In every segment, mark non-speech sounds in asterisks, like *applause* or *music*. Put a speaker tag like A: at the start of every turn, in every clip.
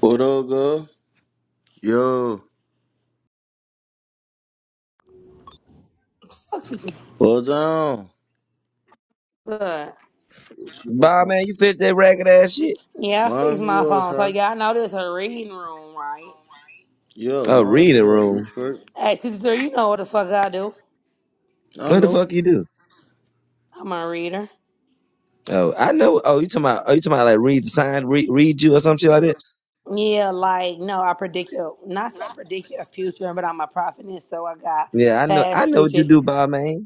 A: What up, girl? Yo,
B: Foxes was
A: what's down?
B: good.
A: What's going
C: Bob,
A: on?
C: man, you fit that ragged ass shit?
B: Yeah, I fixed
A: Mind me
B: my
A: up,
B: phone. So
A: son.
B: y'all know this a reading room, right?
A: Yeah,
C: Oh,
A: mind
C: reading
A: me up. You
C: room.
A: straight?
B: Hey, sister, you know what the fuck I do.
A: I
C: What the
A: know.
C: fuck you do?
B: I'm a reader.
C: Oh, I know. Oh, you talking about? Oh, you talking about like read the sign, read, read you or some shit like that?
B: Yeah, like no, I predict your not saying predict your future, but I'm a prophetess. so I got
C: Yeah, I know.
B: past,
C: I know what you
B: future,
C: do, Bob, man.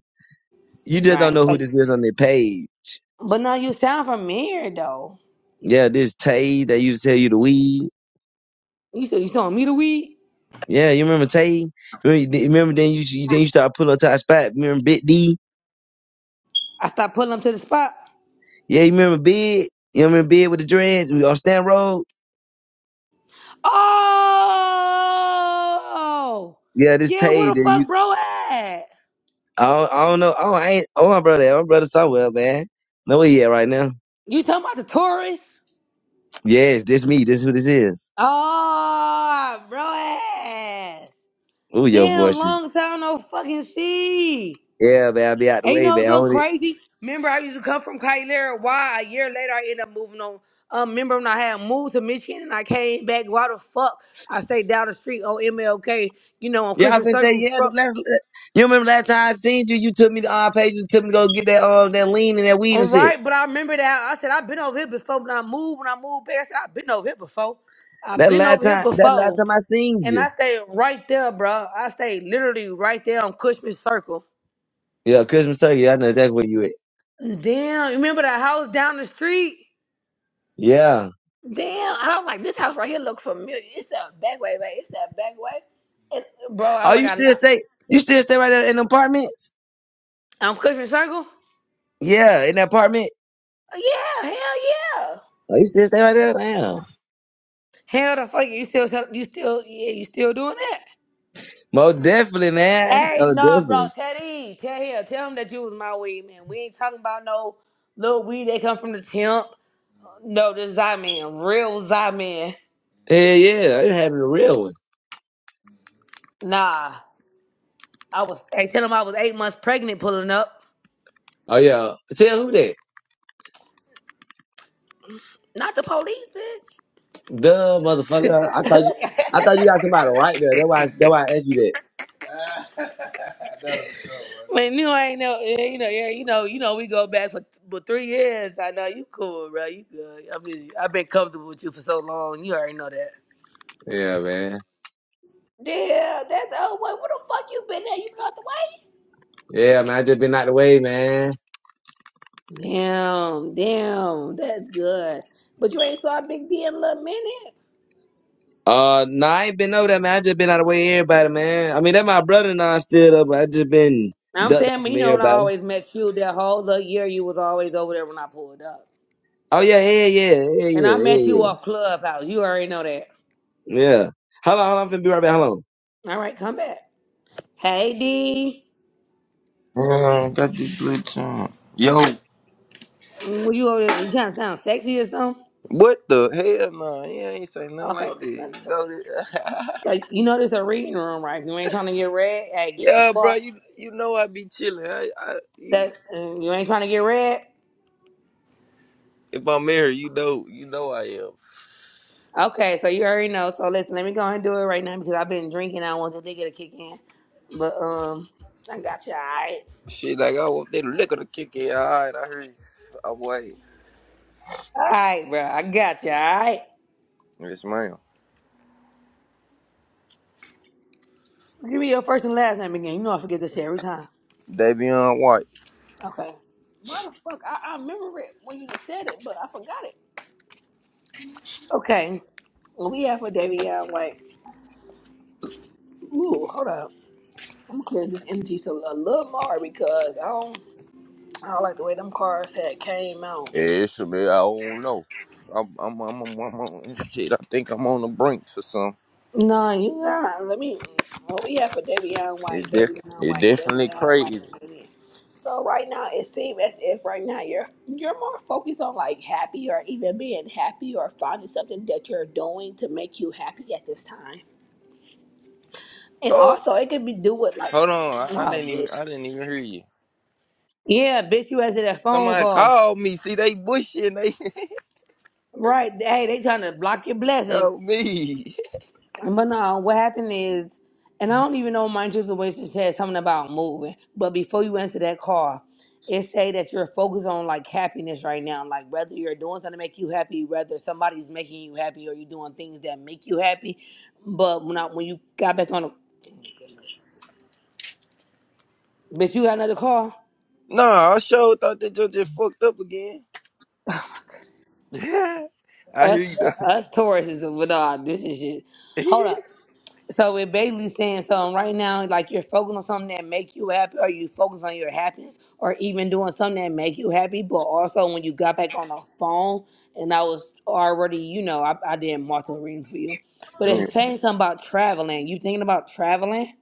C: You just don't
B: right?
C: know who
B: So,
C: this is on their page.
B: but no, you sound familiar though.
C: Yeah, this Tay that used to tell you to weed.
B: You said you saw me the weed.
C: Yeah, you remember Tay? Remember, you remember then you you- then you start pulling up to our spot. Remember Big D?
B: I stopped pulling them to the spot.
C: Yeah, you remember Big? You remember Big with the dreads? We on Stand Road?
B: Oh,
C: Yeah, this
B: yeah.
C: Tay
B: Where
C: that
B: the
C: you
B: fuck, bro? At
C: I don't, I don't know. Oh, I ain't. Oh, my brother. oh, My brother somewhere, man. Know where he at right now?
B: you talking about the tourists?
C: Yes, this me. This who this is.
B: Oh, bro ass.
C: Ooh, your
B: Damn,
C: voice is.
B: long time no fucking see.
C: Yeah, man. I be out the
B: Ain't you
C: way,
B: know what's
C: man.
B: so
C: Hold it.
B: crazy? Remember, I used to come from Kyler. Why? A year later, I ended up moving on. Um, remember when I had moved to Michigan and I came back? Why the fuck I stayed down the street on MLK? You know, on
C: Yeah, I
B: Cushman
C: been say
B: Circle.
C: yeah.
B: From,
C: The last, uh, you remember last time I seen you? You took me to our page. You took me to go get that um that lean and that weed
B: all
C: and shit.
B: right, but I remember that I said I've been over here before. When I moved, when I moved back, I said I've been over here before. I've
C: That
B: been over
C: last
B: here
C: time. That last
B: before.
C: time I seen
B: And
C: you.
B: I stayed right there, bro. I stayed literally right there on Cushman Circle.
C: Yeah, Christmas turkey. I know exactly where you at.
B: Damn, you remember that house down the street?
C: Yeah.
B: Damn, I was like, this house right here look familiar. It's a back way, right? It's a back way. And bro, I'm
C: Oh,
B: like,
C: you
B: I'm,
C: still stay? You still stay right there in the apartments?
B: I'm Cushman Circle.
C: Yeah, in the apartment.
B: Yeah, hell yeah.
C: Oh, you still stay right there? Damn.
B: Hell the fuck, you still, tell- you still, yeah, you still doing that?
C: Most definitely, man.
B: Hey,
C: Oh,
B: no, bro,
C: definitely.
B: Teddy, tell him, tell him that you was my weed man. We ain't talking about no little weed that come from the temp. No, this is I man, real Zyman.
C: Hell yeah, it happened a real one.
B: Nah, I was. I tell him I was eight months pregnant pulling up.
C: Oh yeah, tell who that?
B: Not the police, bitch.
C: Duh, motherfucker. I thought you, I thought you got somebody right there. That's why, that's why I asked you
B: Man, you ain't know. yeah, You know, yeah, you know, you know. We go back for for three years. I know you cool, bro. You good. I mean, I've been comfortable with you for so long. You already know that.
C: that. Yeah, man.
B: Yeah, that's oh wait, where the fuck you been at? You been out
C: Yeah, man. I just been out the way, man.
B: the way? Damn, damn, that's good. But you ain't saw a big D in a little minute.
C: Uh, nah, I ain't been over that, man. I just been out of the way, of everybody, man. I mean, that my brother and I still up, but I just been
B: I'm
C: ducked
B: saying,
C: off
B: but
C: from
B: you know, when I
C: everybody.
B: always met you, that whole little year, you was always over there when I pulled up.
C: Oh yeah, yeah, yeah, yeah,
B: And
C: yeah,
B: I
C: yeah,
B: met you
C: yeah.
B: off Clubhouse. You already know that.
C: Yeah. Hold on, hold on. I'm finna be right back. Hold on.
B: All right, come back. Hey, D.
D: Bro, got this glitch on. Yo,
B: Mm, What you, over there- you trying to sound sexy or something?
D: what the hell? Nah, He ain't say nothing like
B: Okay,
D: that.
B: this not
D: You
B: a choice.
D: know that?
B: So you know this a reading room, right? If you ain't trying to get read, hey,
D: *laughs*
B: get the
D: yeah, bro,
B: fuck.
D: you you know I be chilling. I, I you-
B: That mm, you ain't trying to get read.
D: if I'm married, you know, you know I am.
B: Okay, so you already know. So listen, let me go ahead and do it right now because I've been drinking. I don't want the nigga to kick in, but um, I got you. All right,
D: Shit, like I want that liquor to kick in. All right, I heard you. I'm waiting.
B: all right, bro. I got you. All right.
D: Yes, ma'am.
B: Give me your first and last name again. You know I forget this shit every time.
D: Davion White.
B: Okay. Why the fuck? I, I remember it when you said it, but I forgot it. Okay. What we have for Davion White. Ooh, hold up. I'm gonna clear this energy so a little more because I don't I don't like the way them cars had came out.
D: Yeah, it's a bit. I don't know. I'm, I'm, I'm, I'm, I'm, I'm- shit. I think I'm on the brink or something.
B: No, you got let me what we have for Davion White,
D: It's def-
B: Davion
D: it's
B: White,
D: definitely
B: Davion White,
D: crazy.
B: Davion. So right now it seems as if right now you're you're more focused on like happy or even being happy or finding something that you're doing to make you happy at this time. And
D: Oh,
B: also, it could be do with like,
D: hold on. I, I
B: oh,
D: didn't even,
B: bitch.
D: I didn't even hear you.
B: Yeah, bitch, you answered that phone
D: Somebody
B: call.
D: called me. See, they bushing. They
B: Right. Hey, they trying to block your
D: *laughs*
B: blessing.
D: told me.
B: But no, what happened is, and I don't even know, mind you, the way she said something about moving. But before you answer that call, it say that you're focused on like happiness right now. Like whether you're doing something to make you happy, whether somebody's making you happy, or you're doing things that make you happy. But when I, when you got back on the, oh, goodness, bitch, you got another call.
D: Nah, I sure thought that you just fucked up again.
B: *sighs*
D: *laughs* I hear
B: Us,
D: you
B: uh,
D: though.
B: us Tauruses with all this is shit. Hold
D: *laughs*
B: up. So we're basically saying something right now, like you're focused on something that make you happy, or you focus on your happiness, or even doing something that make you happy. But also, when you got back on the phone, and I was already, you know, I, I did multiple readings for you, but it's
D: Mm.
B: saying something about traveling. You thinking about traveling?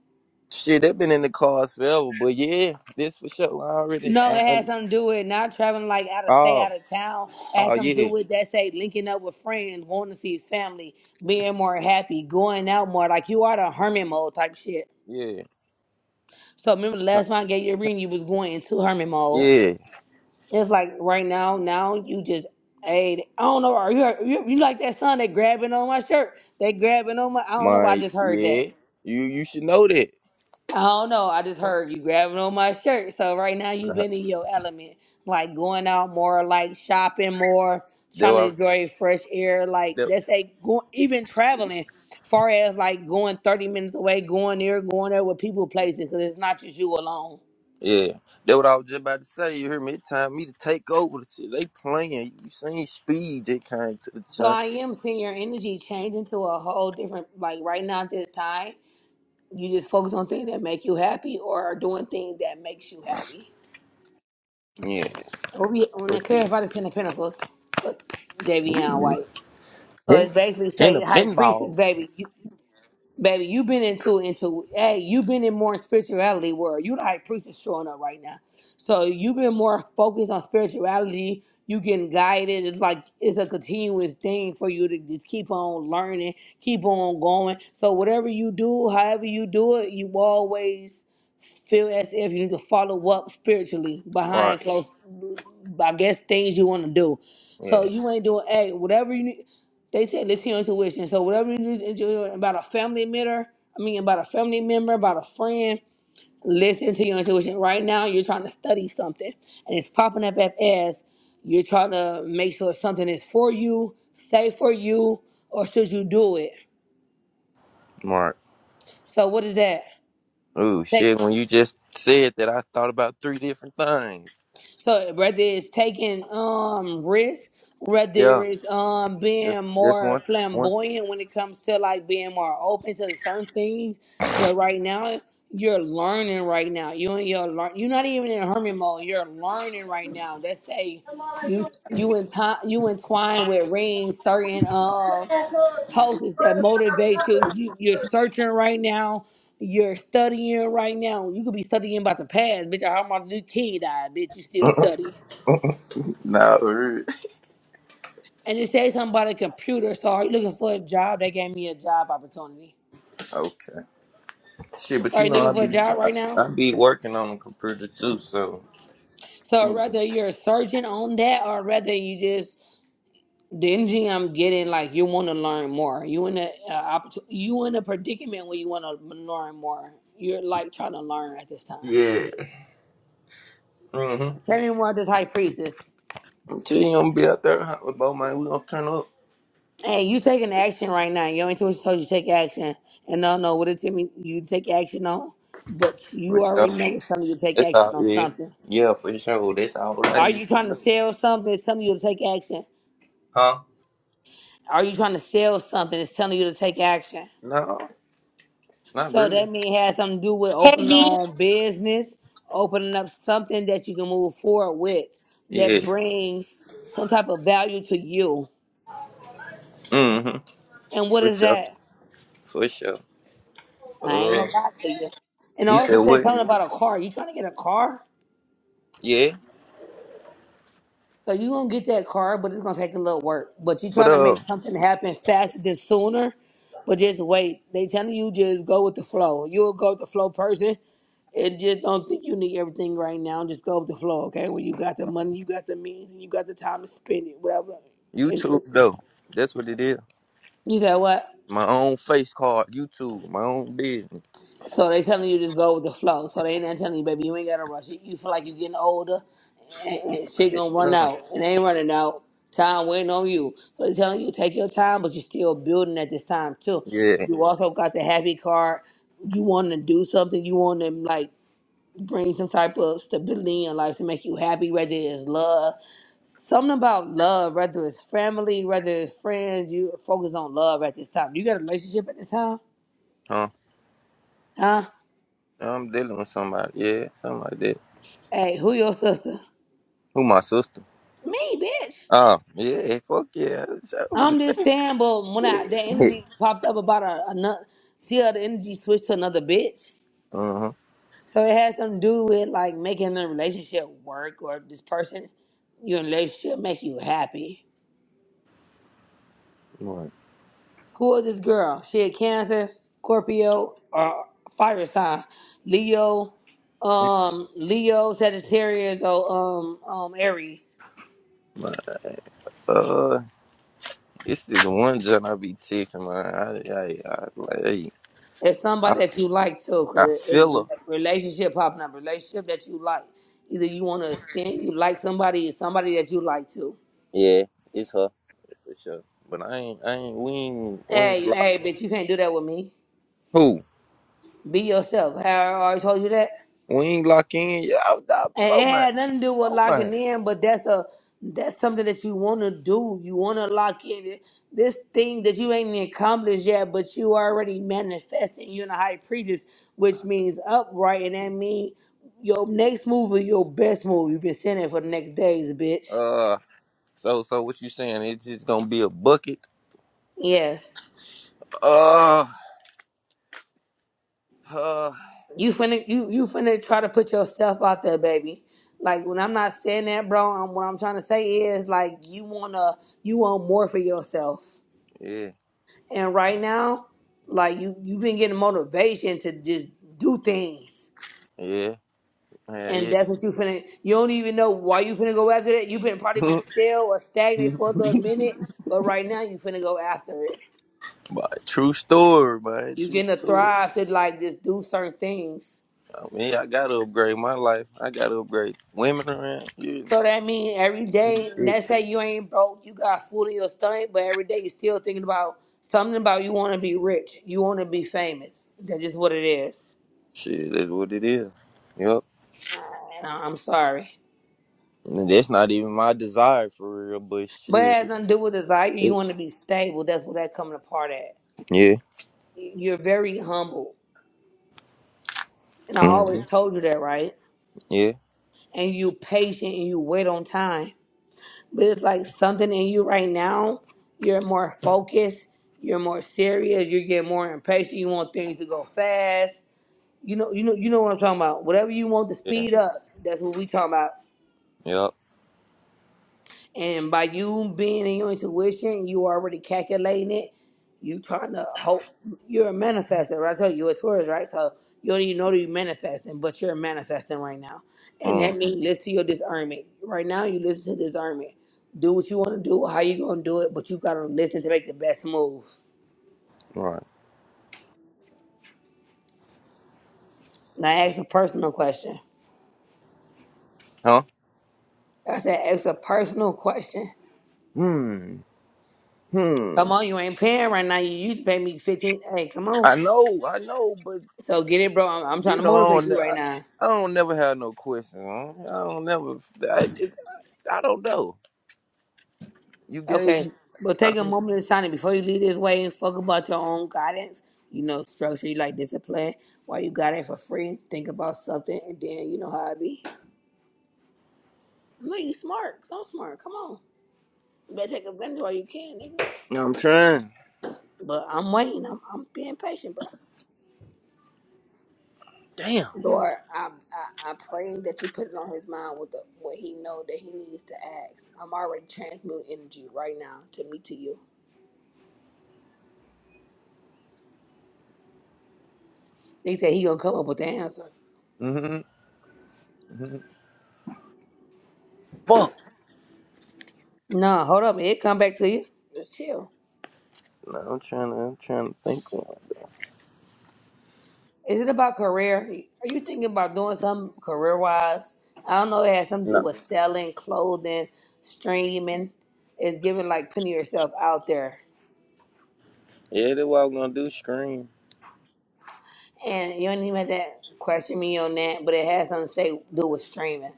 D: Shit, they been in the cars forever, but yeah, this for sure. I already, I
B: No, it had
D: understand.
B: something to do with not traveling like out of state,
D: Oh,
B: out of town. It
D: oh
B: had something to do
D: yeah,
B: with that say linking up with friends, going to see family, being more happy, going out more. Like you are the hermit mode type shit.
D: yeah,
B: So remember the
D: huh,
B: last time I gave you a reading, you was going into hermit mode.
D: yeah.
B: It's like right now, now you just hey, I don't know. Are you you, you like that son that grabbing on my shirt? They grabbing on my. I don't know. I
D: My
B: just heard that.
D: yeah, you you should know that.
B: I don't know. I just
D: Oh,
B: heard you grabbing on my shirt. So right now you've been in your element, like going out more, like shopping more,
D: That
B: trying
D: what
B: to
D: I was,
B: enjoy fresh air. Like
D: that,
B: that's a go, even traveling, far as like going thirty minutes away, going there, going there with people, places, because it's not just you alone.
D: yeah, that what I was just about to say. You hear me? It's time me to take over the shit. They playing. You seen speed? They came to
B: So
D: the
B: I am seeing your energy change into a whole different. Like right now at this time, you just focus on things that make you happy, or are doing things that makes you happy.
D: junk.
B: So we want to
D: What you?
B: clarify this in the Pentacles, but Davion
D: Ooh,
B: White. So
D: pin,
B: it's basically
D: pin a
B: saying, high priestess,
D: pinball.
B: baby, you, baby, you been into into hey, you been in more spirituality world. You the high priestess showing up right now. So you been more focused on spirituality. You getting guided. It's like it's a continuous thing for you to just keep on learning, keep on going. So whatever you do, however you do it, you always feel as if you need to follow up spiritually
D: right?
B: behind close. I guess things you want to do. So
D: Yeah,
B: you ain't doing a whatever you need. They said listen to your intuition. So whatever you need to enjoy about a family member, I mean about a family member, about a friend, listen to your intuition. Right now you're trying to study something and it's popping up up as you're trying to make sure something is for you, safe for you, or should you do it?
D: Mark.
B: So what is that?
D: Ooh,
B: Take
D: shit. When you just said that, I thought about three different things.
B: So whether it's taking um risks, whether
D: Yeah,
B: it's um
D: this
B: being
D: this
B: more
D: one. One.
B: flamboyant when it comes to like being more open to certain things, but right now you're learning right now. You and your learn you're not even in hermit mode. You're learning right now. That's a
D: *laughs*
B: you you entwine you entwine with rings certain um posts that motivate you. you you're searching right now. You're studying right now. You could be studying about the past, bitch. I heard my new kid died, bitch. You still studying.
D: no. really.
B: And it says something about a computer. So are you looking for a job? They gave me a job opportunity.
D: Okay. Shit, but
B: Are
D: you
B: you
D: know
B: looking
D: I
B: for
D: be
B: a job
D: I,
B: right now?
D: I be working on the computer too, so
B: So whether you're searching on that or whether you just the energy I'm getting, like you want to learn more. You in a uh, opportu- you in a predicament where you want to learn more. You're like trying to learn at this time.
D: yeah. Mhm.
B: Tell me more about this high priestess.
D: Until you gonna be out there hot with both man, we gonna turn up
B: Hey, you taking action right now. Your intuition told you to take action. And no, no, what it tell me you take action on, but you
D: for
B: already
D: sure.
B: know it's telling you to take
D: That's
B: action
D: all.
B: on
D: Yeah.
B: something.
D: Yeah, for sure. That's all I
B: Are you
D: need to
B: trying to
D: know.
B: sell something? It's telling you to take action.
D: Huh?
B: Are you trying to sell something? It's telling you to take action.
D: No, not
B: So
D: really.
B: that means it has something to do with
E: Hey
B: opening your
E: D,
B: own business, opening up something that you can move forward with that
D: Yeah.
B: brings some type of value to you.
D: Mm-hmm.
B: And what
D: For
B: is
D: sure.
B: that?
D: For sure.
B: I ain't
D: Uh,
B: gonna lie to you. And I
D: you
B: also
D: said
B: said
D: what?
B: something about a car. You trying to get a car?
D: Yeah.
B: So you gonna get that car, but it's gonna take a little work. But you
D: But
B: trying to
D: uh,
B: make something happen faster than sooner, but just wait. They telling you just go with the flow. You'll go with the flow person. And just don't think you need everything right now. Just go with the flow, okay? When you got the money, you got the means, and you got the time to spend it, whatever. It's,
D: YouTube
B: it's,
D: though, that's what it is.
B: you said what?
D: My own face card, YouTube, my own business.
B: So they telling you just go with the flow. So they ain't not telling you, baby, you ain't gotta rush it. You feel like you're getting older. *laughs* shit
D: Like,
B: gonna run
D: nah.
B: out. It ain't running out. Time waiting on you. So they're telling you take your time, but you're still building at this time too.
D: Yeah.
B: You also got the happy card. You want to do something. You want to like bring some type of stability in your life to make you happy, whether it's love. Something about love, whether it's family, whether it's friends. You focus on love at this time. You got a relationship at this time,
D: Huh.
B: huh?
D: I'm dealing with somebody. Yeah, something like that.
B: Hey, who your sister?
D: Who my sister?
B: Me, bitch.
D: Oh, yeah. Fuck yeah. That's what
B: I'm
D: it
B: just saying, but when I,
D: is.
B: the
D: *laughs*
B: energy popped up about a, another, see how the energy switched to another bitch.
D: uh-huh.
B: So it had something to do with like making the relationship work or if this person you're in a relationship make you happy.
D: Right.
B: Who is this girl? She a Cancer, Scorpio, or fire sign, Leo, um, Leo, Sagittarius, or um, um, Aries.
D: But, uh, it's this one John I be texting, man. I, I, I, like, hey,
B: It's
D: I
B: somebody that you like too, cause
D: I
B: it,
D: feel
B: it's
D: her.
B: a relationship popping up, relationship that you like. Either you want to extend, you like somebody, or somebody that you like too.
D: Yeah, it's her for sure. But I ain't, I ain't, we ain't, we ain't
B: Hey,
D: lock.
B: hey, bitch, you can't do that with me.
D: Who?
B: Be yourself. Have I already told you that?
D: We ain't lock in. Yeah, I was not,
B: And
D: Bo
B: it
D: man,
B: had nothing to do with
D: Bo
B: locking
D: man.
B: in, but that's a that's something that you want to do. You want to lock in this thing that you ain't accomplished yet, but you already manifesting. You're in a high priestess, which means upright, and that means your next move is your best move. You've been saying it for the next days, bitch.
D: Uh, so, so what you saying? It's just gonna be a bucket.
B: Yes,
D: Uh, uh,
B: you finna you you finna try to put yourself out there, baby. Like when I'm not saying that, bro, I'm, what I'm trying to say is like you wanna you want more for yourself.
D: yeah,
B: And right now, like you, you've been getting motivation to just do things,
D: yeah, yeah,
B: and that's what you finna. You don't even know why you finna go after that. You've been probably been
D: yeah.
B: still or
D: *laughs*
B: stagnant for a little minute, but right now you finna go after it.
D: but true story, man.
B: You
D: True
B: getting to
D: story.
B: thrive to like just do certain things.
D: I mean, I gotta upgrade my life. I gotta upgrade women around. Yeah,
B: So that means every
D: yeah,
B: day,
D: yeah.
B: let's say you ain't broke, you got food in your stomach, but every day you still thinking about something about you want to be rich, you want to be famous. That's just what it is.
D: shit, that's what it is. Yep.
B: And I- I'm sorry.
D: That's not even my desire for real, but
B: But it
D: shit.
B: has nothing to do with desire. You
D: It-
B: want to be stable. That's where that coming apart at.
D: Yeah.
B: You're very humble. And I
D: hmm
B: always told you that, right?
D: Yeah.
B: And you patient and you wait on time. But it's like something in you right now, you're more focused, you're more serious, you get more impatient, you want things to go fast. You know, you know, you know what I'm talking about. Whatever you want to
D: Yeah.
B: speed up, that's what we talking about.
D: Yep.
B: And by you being in your intuition, you already calculating it. You trying to hope. You're a manifester, right? So you're a tourist, right? So you don't even know that you're manifesting, but you're manifesting right now. And that
D: Mm.
B: means listen to your discernment. Right now, you listen to discernment. Do what you want to do, how you going to do it, but you got to listen to make the best move.
D: Right.
B: Now, ask a personal question.
D: Huh?
B: I said, ask a personal question.
D: Hmm. Hmm.
B: Come on, you ain't paying right now. You used to pay me 15 Hey, come on.
D: I know. I know. But
B: So get it, bro. I'm, I'm trying
D: you
B: to
D: know, I
B: motivate
D: don't. ne-
B: you right
D: I,
B: now.
D: I don't never have no question. Huh? I don't never. I, it, I don't know. You gave.
B: Okay.
D: You,
B: But take a
D: I'm.
B: moment of silence before you leave this way and fuck about your own guidance. You know, structure you like discipline. While you got it for free, think about something and then you know how it be. I know you smart, so I'm smart. Come on. You better take advantage while you can, nigga.
D: I'm trying.
B: But I'm waiting. I'm, I'm being patient, bro.
D: Damn.
B: Lord, I, I I pray that you put it on his mind with the, what he know that he needs to ask. I'm already transmuting energy right now to me to you. They said he gonna come up with the answer.
D: hmm hmm Fuck.
B: No, hold up, it come back to you. Just chill.
D: No, I'm trying to. I'm trying to think. of-
B: Is it about career? Are you thinking about doing something career wise? I don't know. If It has something to do
D: No.
B: with selling, clothing, streaming. It's giving like putting yourself out there.
D: Yeah, that's what I'm gonna do. Scream.
B: And you don't even have to question me on that, but it has something to say do with streaming.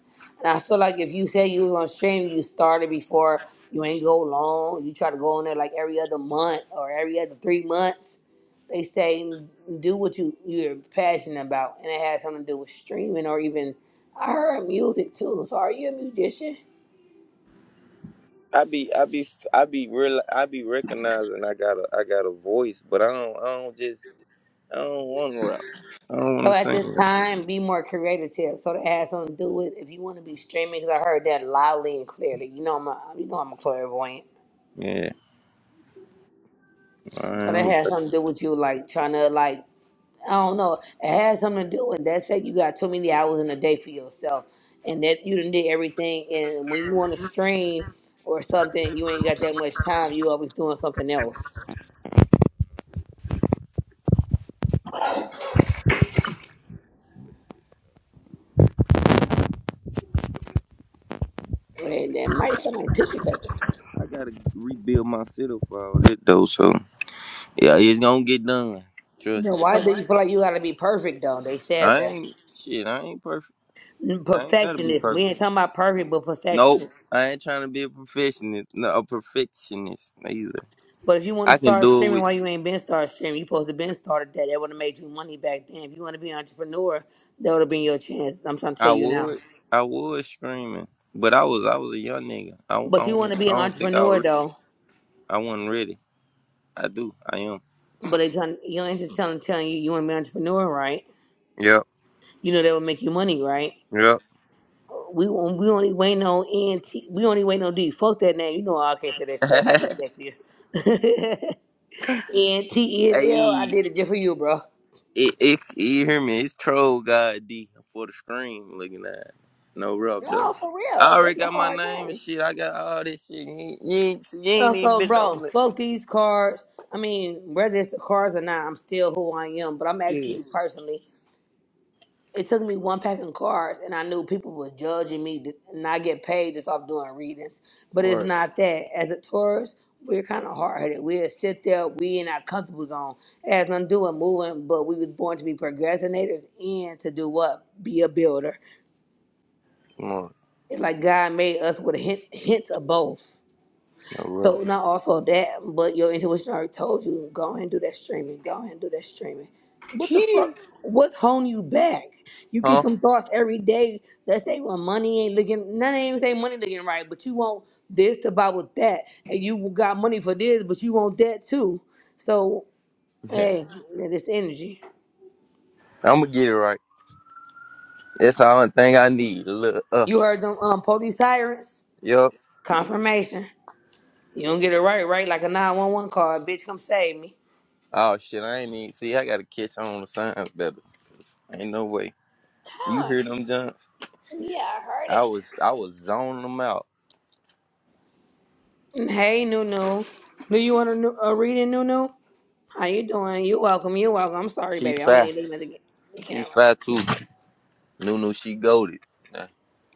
B: And I feel like if you say you was on stream, you started before, you ain't go long. You try to go on there like every other month or every other three months they say do what you you're passionate about, and it has something to do with streaming or even I heard music too. So are you a musician?
D: I be I be I be real I be recognizing I got a I got a voice, but I don't I don't just I don't want to rap. I don't want
B: So
D: to
B: at
D: sing.
B: this
D: rap
B: time, be more creative. So that has something to do with if you want to be streaming. Because I heard that loudly and clearly. You know I'm a, you know I'm a clairvoyant.
D: Yeah,
B: So that
D: I'm,
B: has something to do with you like trying to like I don't know. It had something to do with that. Said you got too many hours in a day for yourself, and that you done did everything. And when you want to stream or something, you ain't got that much time. You always doing something else, and that might sound like tissue paper.
D: I gotta rebuild my shit up for all that though. So yeah, it's gonna get done.
B: You know,
D: Trust.
B: why
D: me.
B: do you feel like you got to be perfect though? They said
D: I
B: that
D: ain't shit. I ain't perfect.
B: Mm,
D: I ain't gotta be
B: perfectionist. We
D: perfect.
B: ain't talking about perfect, but
D: Nope.
B: perfectionist.
D: I ain't trying to be a perfectionist. No, a perfectionist either.
B: But if you want
D: I
B: to
D: can
B: start
D: do it with
B: streaming why you ain't been start streaming, you supposed to been started that. That would have made you money back then. If you want to be an entrepreneur, that would have been your chance. I'm trying to
D: I
B: tell you now.
D: would, I was screaming, but I was, I was a young nigga. I,
B: But
D: I
B: you want
D: don't,
B: to be
D: I
B: an
D: don't think I
B: entrepreneur
D: was ready.
B: though.
D: I wasn't ready. I do, I am.
B: But they trying your ain't telling telling you you want to be an entrepreneur, right?
D: Yep,
B: You know that will make you money, right?
D: yep.
B: We won't- we only wait no ENT. We only wait no D. Fuck that name. You know I can't say that
D: *laughs*
B: shit. I got
D: hey,
B: dyslexia. *laughs* ENTNL. I did it just for you, bro.
D: it, it, you hear me? It's troll god D for the screen. Looking at it. no rub
B: No,
D: though.
B: for
D: I
B: real.
D: already
B: That's a
D: got my
B: hard
D: name and
B: name.
D: shit. I got all this shit. You ain't, you ain't, see, you
B: Uh,
D: ain't even
B: so,
D: been
B: bro,
D: on the
B: fuck these cards. I mean, whether it's the cards or not, I'm still who I am. But I'm asking
D: Yeah,
B: you personally. It took me one pack of cards, and I knew people were judging me, th- and I get paid just off doing readings. But it's
D: right,
B: not that. As a Taurus, we're kind of hard headed. We'll sit there. We in our comfortable zone. It has nothing to do with moving, but we was born to be procrastinators and to do what? Be a builder.
D: right, no
B: It's like God made us with a hint, hint of both.
D: rub.
B: So not also that, but your intuition already told you go ahead and do that streaming. Go ahead and do that streaming. What the fuck?
D: Gee.
B: What's holding you back? You get
D: Huh? *laughs*
B: them thoughts every day day. Let's say when money ain't looking none ain't even say money looking right, but you want this to buy with that. And you got money for this, but you want that too. So
D: Yeah,
B: hey, this energy.
D: I'm gonna get it right. That's the only thing I need. A little uh.
B: You heard them um police sirens?
D: Yup.
B: Confirmation. You don't get it right, right? Like a 911 call, bitch, come save me.
D: Oh shit, I ain't even see. I gotta catch on the signs better. 'cause Ain't no way. You hear them jumps? I was I was zoning them out.
B: Hey, Nunu. Do you want a, nu- a reading, Nunu? How you doing? You welcome. You welcome. I'm sorry,
D: She
B: baby. I wasn't
D: fat.
B: even looking at the, the
D: She
B: camera.
D: fat too. Nunu, she goaded.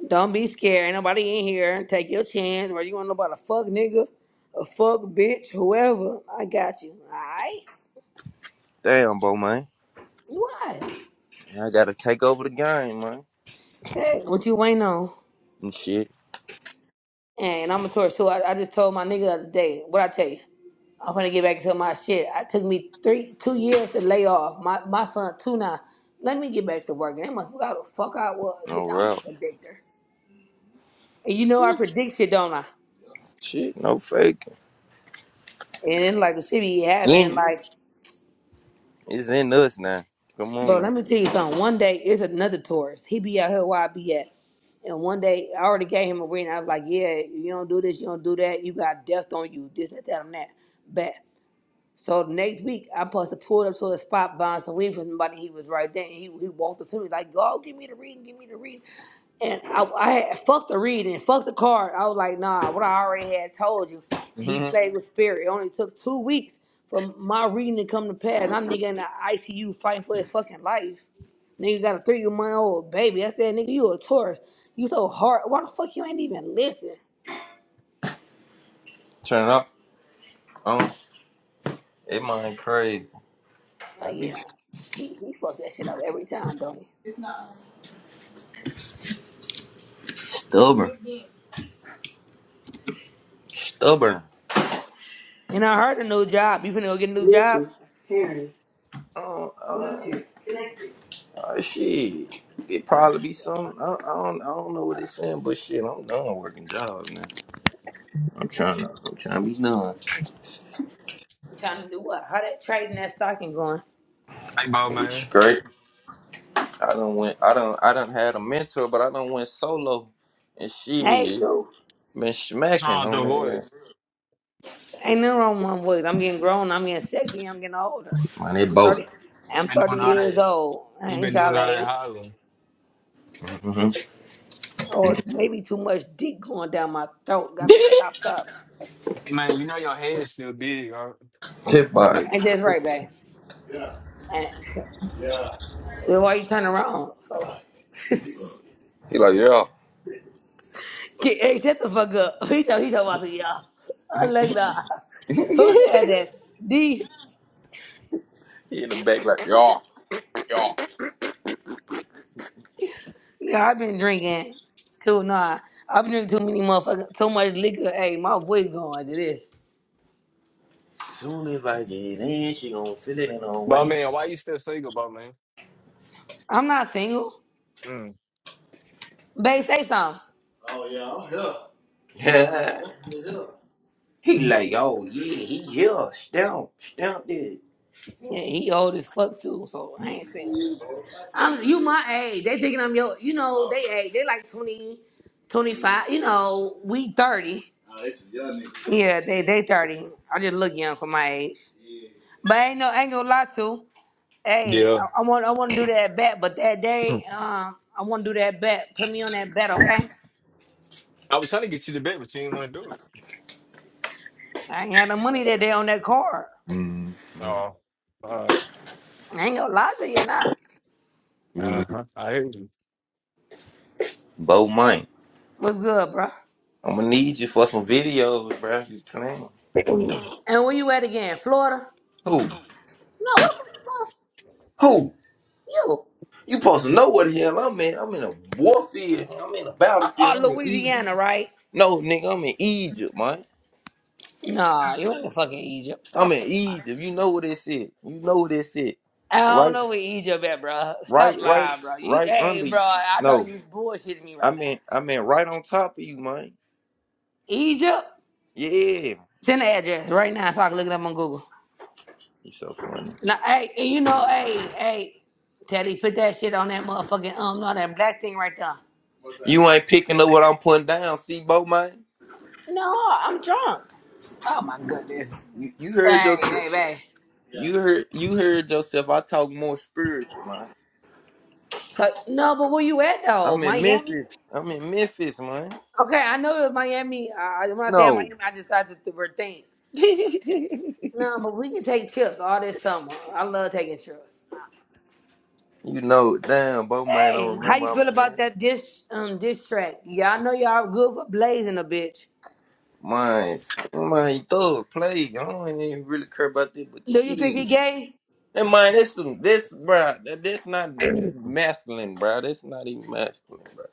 B: Don't be scared. Ain't Nobody in here. Take your chance. Whether you want to know about a fuck nigga, a fuck bitch, whoever. I got you. All right?
D: Damn, bro, man.
B: What?
D: I gotta take over the game, man.
B: Hey, what you waiting on?
D: And shit,
B: And I'm a tourist too. I, I just told my nigga the other day. What I tell you? I'm gonna get back to my shit. I took me three, two years to lay off. My my son two now. Let me get back to work. And they must forgot how the fuck I was, bitch.
D: no
B: I'm a
D: route.
B: predictor, and you know I predict shit, don't I?
D: Shit, no faking.
B: And then like the shit be happening,
D: In,
B: like,
D: it's in us now. Come on
B: bro.
D: now.
B: Let me tell you something. One day it's another tourist. He be out here where I be at. And one day, I already gave him a ring. I was like, "Yeah, you don't do this, you don't do that. You got death on you. This, that, that, and that." Bet. So the next week, I supposed to pull up to a spot buying some weed from somebody. He was right there, and he, he walked up to me like, "Go, give me the reading, give me the reading." And I, I had fucked the reading, fuck the card. I was like, "Nah, what I already had told you." And he
D: Mhm.
B: played with spirit. It only took two weeks for my reading to come to pass. And I'm nigga in the ICU fighting for his fucking life. Nigga got a three month old baby. I said, "Nigga, you a tourist. You so hard. Why the fuck you ain't even listen?"
D: Turn up. Um, it mind crazy. I
B: Like,
D: be
B: yeah, he he fucks that shit up every time, don't he?
D: stubborn. Stubborn.
B: And I heard a new job. You finna go get a new job?
D: Bluetooth, Harry. Oh, Uh, shit, it probably be some. I, I don't. I don't know what it's saying, but shit, I'm done working jobs now. I'm trying to. I'm trying to be done.
B: I'm trying to do what? How that trading that stocking going?
F: Hey, Bo,
D: It's
F: man.
D: great. I don't went. I don't. I don't had a mentor, but I don't went solo, and
B: Hey,
D: shit
B: too.
D: been
F: What's
D: smacking
F: wrong with
D: on
F: your
D: there.
F: voice?
B: Ain't nothing wrong with my voice. I'm getting grown. I'm getting sexy. I'm getting older.
D: Man, they
B: I'm
D: both.
B: 30.
F: you
B: I'm
F: been
B: 30
F: doing all
B: years
F: that.
B: old. I
F: you
B: ain't
F: been doing
B: y'all
F: all that
B: age.
F: hollering.
D: Mm-hmm.
B: Or maybe too much dick going down my throat got me
D: *laughs*
B: stopped up.
F: Man, you know your head is still big, all right?
D: Tip
B: Right.
D: bike.
B: And that's right, babe. And *laughs* then why you turn around? So,
D: He like yeah.
B: Get- hey, shut the fuck up. *laughs* He told he told about to y'all. I look up.
D: *laughs*
B: Who said that? D.
D: he in the back like yeah, yeah.
B: Yeah, I've been drinking too. Nah, I've been drinking too many motherfuckers, too much liquor. Hey, my voice going to this.
D: Soon as I get in, she gonna feel it in her
F: Bo,
D: waist.
F: man, why you still single, Bo, man?
B: I'm not single.
F: Mm.
B: Babe, say something.
D: *laughs* He like, oh yeah, he here. Stamp, stamp it.
B: Yeah, he old as fuck too, so I ain't single. I'm you my age. They thinking I'm your, you know, they age. They like 20, 25. You know, we thirty. Yeah, they they thirty. I just look young for my age. But ain't no, ain't gonna lie to. Hey,
F: Yeah.
B: I, I want I want to do that bet, but that
F: *clears throat*
B: day, um, I want to do that bet. Put me on that bet, okay?
F: I was trying to get you to bed, but you didn't want to do it.
B: I ain't had no money that day on that card.
D: Mm,
F: Oh, uh,
B: I ain't gonna lie to you, nah.
D: mm,
F: uh-huh. I
D: Bo Mike,
B: What's good, bro?
D: I'ma need you for some videos, bro. You claim.
F: hear
B: And where you at again? Florida? No,
D: Who?
B: what the fuck
D: Who?
B: you from?
D: You supposed to know what the hell I'm in. I'm in a warfield. I'm in a
B: You. Uh,
D: battlefield.
B: uh,
D: I'm in Egypt.
B: Louisiana, right?
D: No, nigga, I'm in Egypt, man.
B: Nah, you ain't in fucking Egypt. Stop
D: I'm in
B: fucking lying.
D: Egypt. You know what this is. You know what this is.
B: I don't
D: Right,
B: know where Egypt at, bro.
D: right,
B: Stop
D: right,
B: lying, bro. You,
D: right
B: hey,
D: under
B: bro,
D: you.
B: I know
D: No,
B: you bullshitting me
D: I
B: right now.
D: mean, I mean, right on top of you, man.
B: Egypt?
D: Yeah.
B: Send the address right now so I can look it up on Google.
D: You are so funny.
B: Now, hey, and you know, hey, hey, Teddy, put that shit on that motherfucking, um, no, that black thing right there.
D: You ain't picking up what I'm putting down, see, Bo man.
B: No, I'm drunk. Oh my goodness.
D: You you heard
B: Hey,
D: yourself.
B: hey, hey.
D: You heard you heard yourself. I talk more spiritual, man.
B: So, no, but where you at though?
D: I'm in
B: Miami?
D: Memphis. I'm in Memphis, man.
B: Okay, I know it was Miami. I, when I say Miami,
D: No.
B: I just, decided to rethink.
D: *laughs* you
B: No, but we can take trips all this summer. I love taking trips.
D: know, damn, Bo man I
B: Hey, how
D: remember
B: you
D: I'm
B: feel
D: in
B: about
D: Memphis.
B: that dish um dish track? Y'all know y'all good for blazing a bitch.
D: Man, man, thug play. I don't even really care about that, but
B: Do you think he
D: shit.
B: gay?
D: And man, this some this bro, that, that's not masculine, bro. That's not even masculine, bro.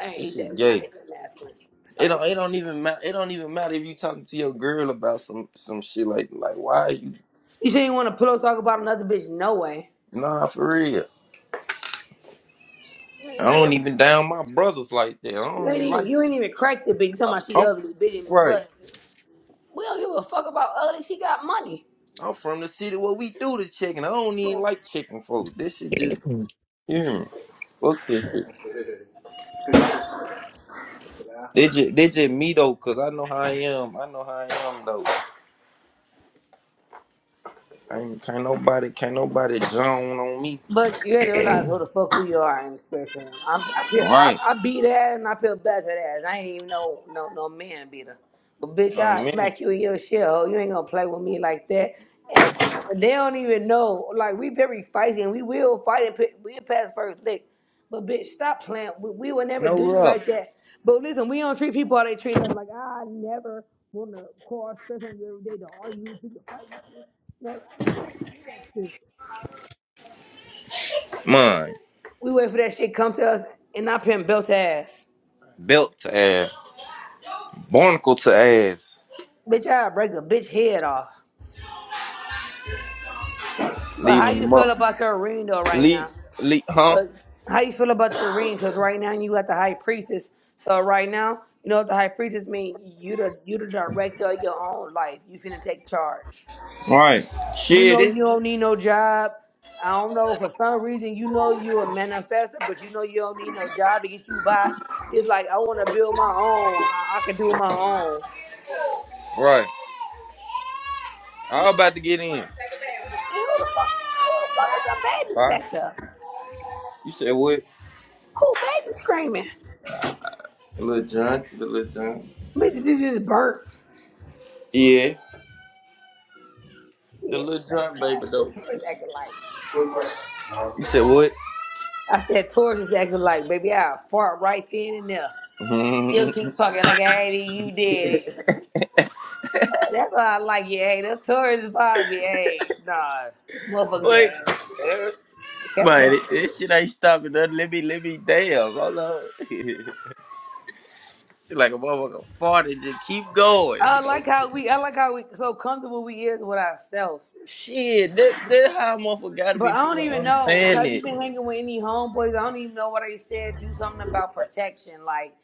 B: Hey, he
D: This
B: said
D: is
B: not
D: gay.
B: even masculine.
D: It
B: Sorry.
D: don't. It don't even matter. It don't even matter if you talking to your girl about some some shit like like why you
B: You said you want to pillow talk about another bitch? No way.
D: nah for real.
B: You
D: I don't even down my brothers like that. I don't
B: ain't
D: even
B: even
D: like.
B: you ain't
D: Chick-
B: even cracked the bitch. You talking about she
D: I'm
B: ugly bitch,
D: right.
B: but We don't give a fuck about ugly. She got money.
D: I'm from the city where we do the chicken. I don't even like chicken folks. This shit just you hear me? Fuck this shit. They just they just me though, cause I know how I am. I know how I am though. Ain't, can't nobody can't nobody zone on me.
B: But you had to
F: you. *clears throat*
B: realize who the fuck who you are in the spiritual realm. I'm, I feel
D: Right.
B: I, I beat ass and I feel better ass. I ain't even no no no man beater. But bitch, I
D: On me.
B: smack you in your shell. You ain't gonna play with me like that. And they don't even know. Like we very feisty and we will fight and pi- we'll pass first lick. But bitch, stop playing. We, we will never
D: No
B: do you
D: rub.
B: like that. But listen, we don't treat people how they treat us. Like I never want to cause stress on you every day to argue, to fight with you. Never. We don't do that shit.
D: Mine.
B: We wait for that shit come to us and not pimp belt ass.
D: Belt to ass. Barnacle to ass.
B: Bitch, I'll break a bitch head off. But how
D: Leaving
B: you
D: them
B: feel
D: up.
B: about your ring though right
D: Leak,
B: now?
D: leak, huh?
B: Cause how you feel about your ring? Cause right now you got the high priestess. So right now, you know what the high priestess mean? You the you the director of your own life. You finna take charge.
D: Right.
B: You
D: Shit,
B: know
D: it.
B: you don't need no job. I don't know for some reason you know you a manifestor, but you know you don't need no job to get you by. It's like I want to build my own. I, I can do my own.
D: Right. I was about to get in.
B: And who the fuck, who the fuck is the babies
D: Bye.
B: back there?
D: You said what?
B: Who baby screaming?
D: The Little John. The Little John.
B: Bitch, this just burnt.
D: Yeah. The
B: Yeah, it
D: Little
B: thank
D: John
B: God.
D: baby,
B: The
D: though.
B: Taurus acting like.
D: You said what?
B: I said, Taurus is acting like, baby, I fart right then and there. You'll keep
D: *laughs*
B: talking like, hey, you did it. That's why I like you, hey. The Taurus is probably, hey, nah. Motherfuckers
D: Wait.
B: there. Yeah,
D: Man,
B: yeah.
D: this shit ain't stopping nothing. Let me, let me, damn. Hold on. *laughs* She like a motherfucker farted. Just keep going.
B: I
D: You
B: like
D: know?
B: how we, I like how we so comfortable we is with ourselves.
D: Shit, that, that how a motherfucker gotta be.
B: But I don't
D: People don't
B: even know.
D: understand
B: Have you
D: it.
B: been hanging with any homeboys? I don't even know what they said. Do something about protection. Like,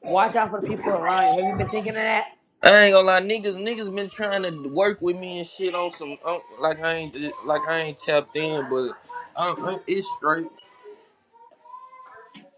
B: watch out for the people around you. Have you been thinking of that?
D: I ain't gonna lie, niggas, niggas been trying to work with me and shit on some um, like I ain't like I ain't tapped in, but um, um, it's straight.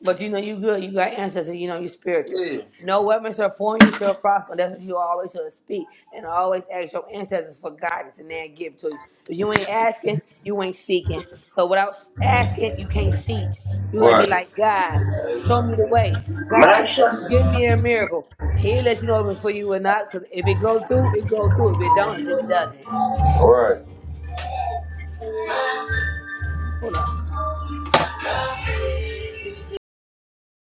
B: But you know you good. You got ancestors. You know you spiritual.
D: Yeah,
B: No weapon shall form you shall prosper. That's what you always should speak and always ask your ancestors for guidance, and they'll give it to you. If you ain't asking, you ain't seeking. So without asking, you can't seek. You gotta be
D: Right.
B: like God, show me the way. God,
D: Masha?
B: give me a miracle. He'll let you know if it's for you or not. Cause if it go through, it go through. If it don't, it just doesn't.
D: Right.
B: Hold up.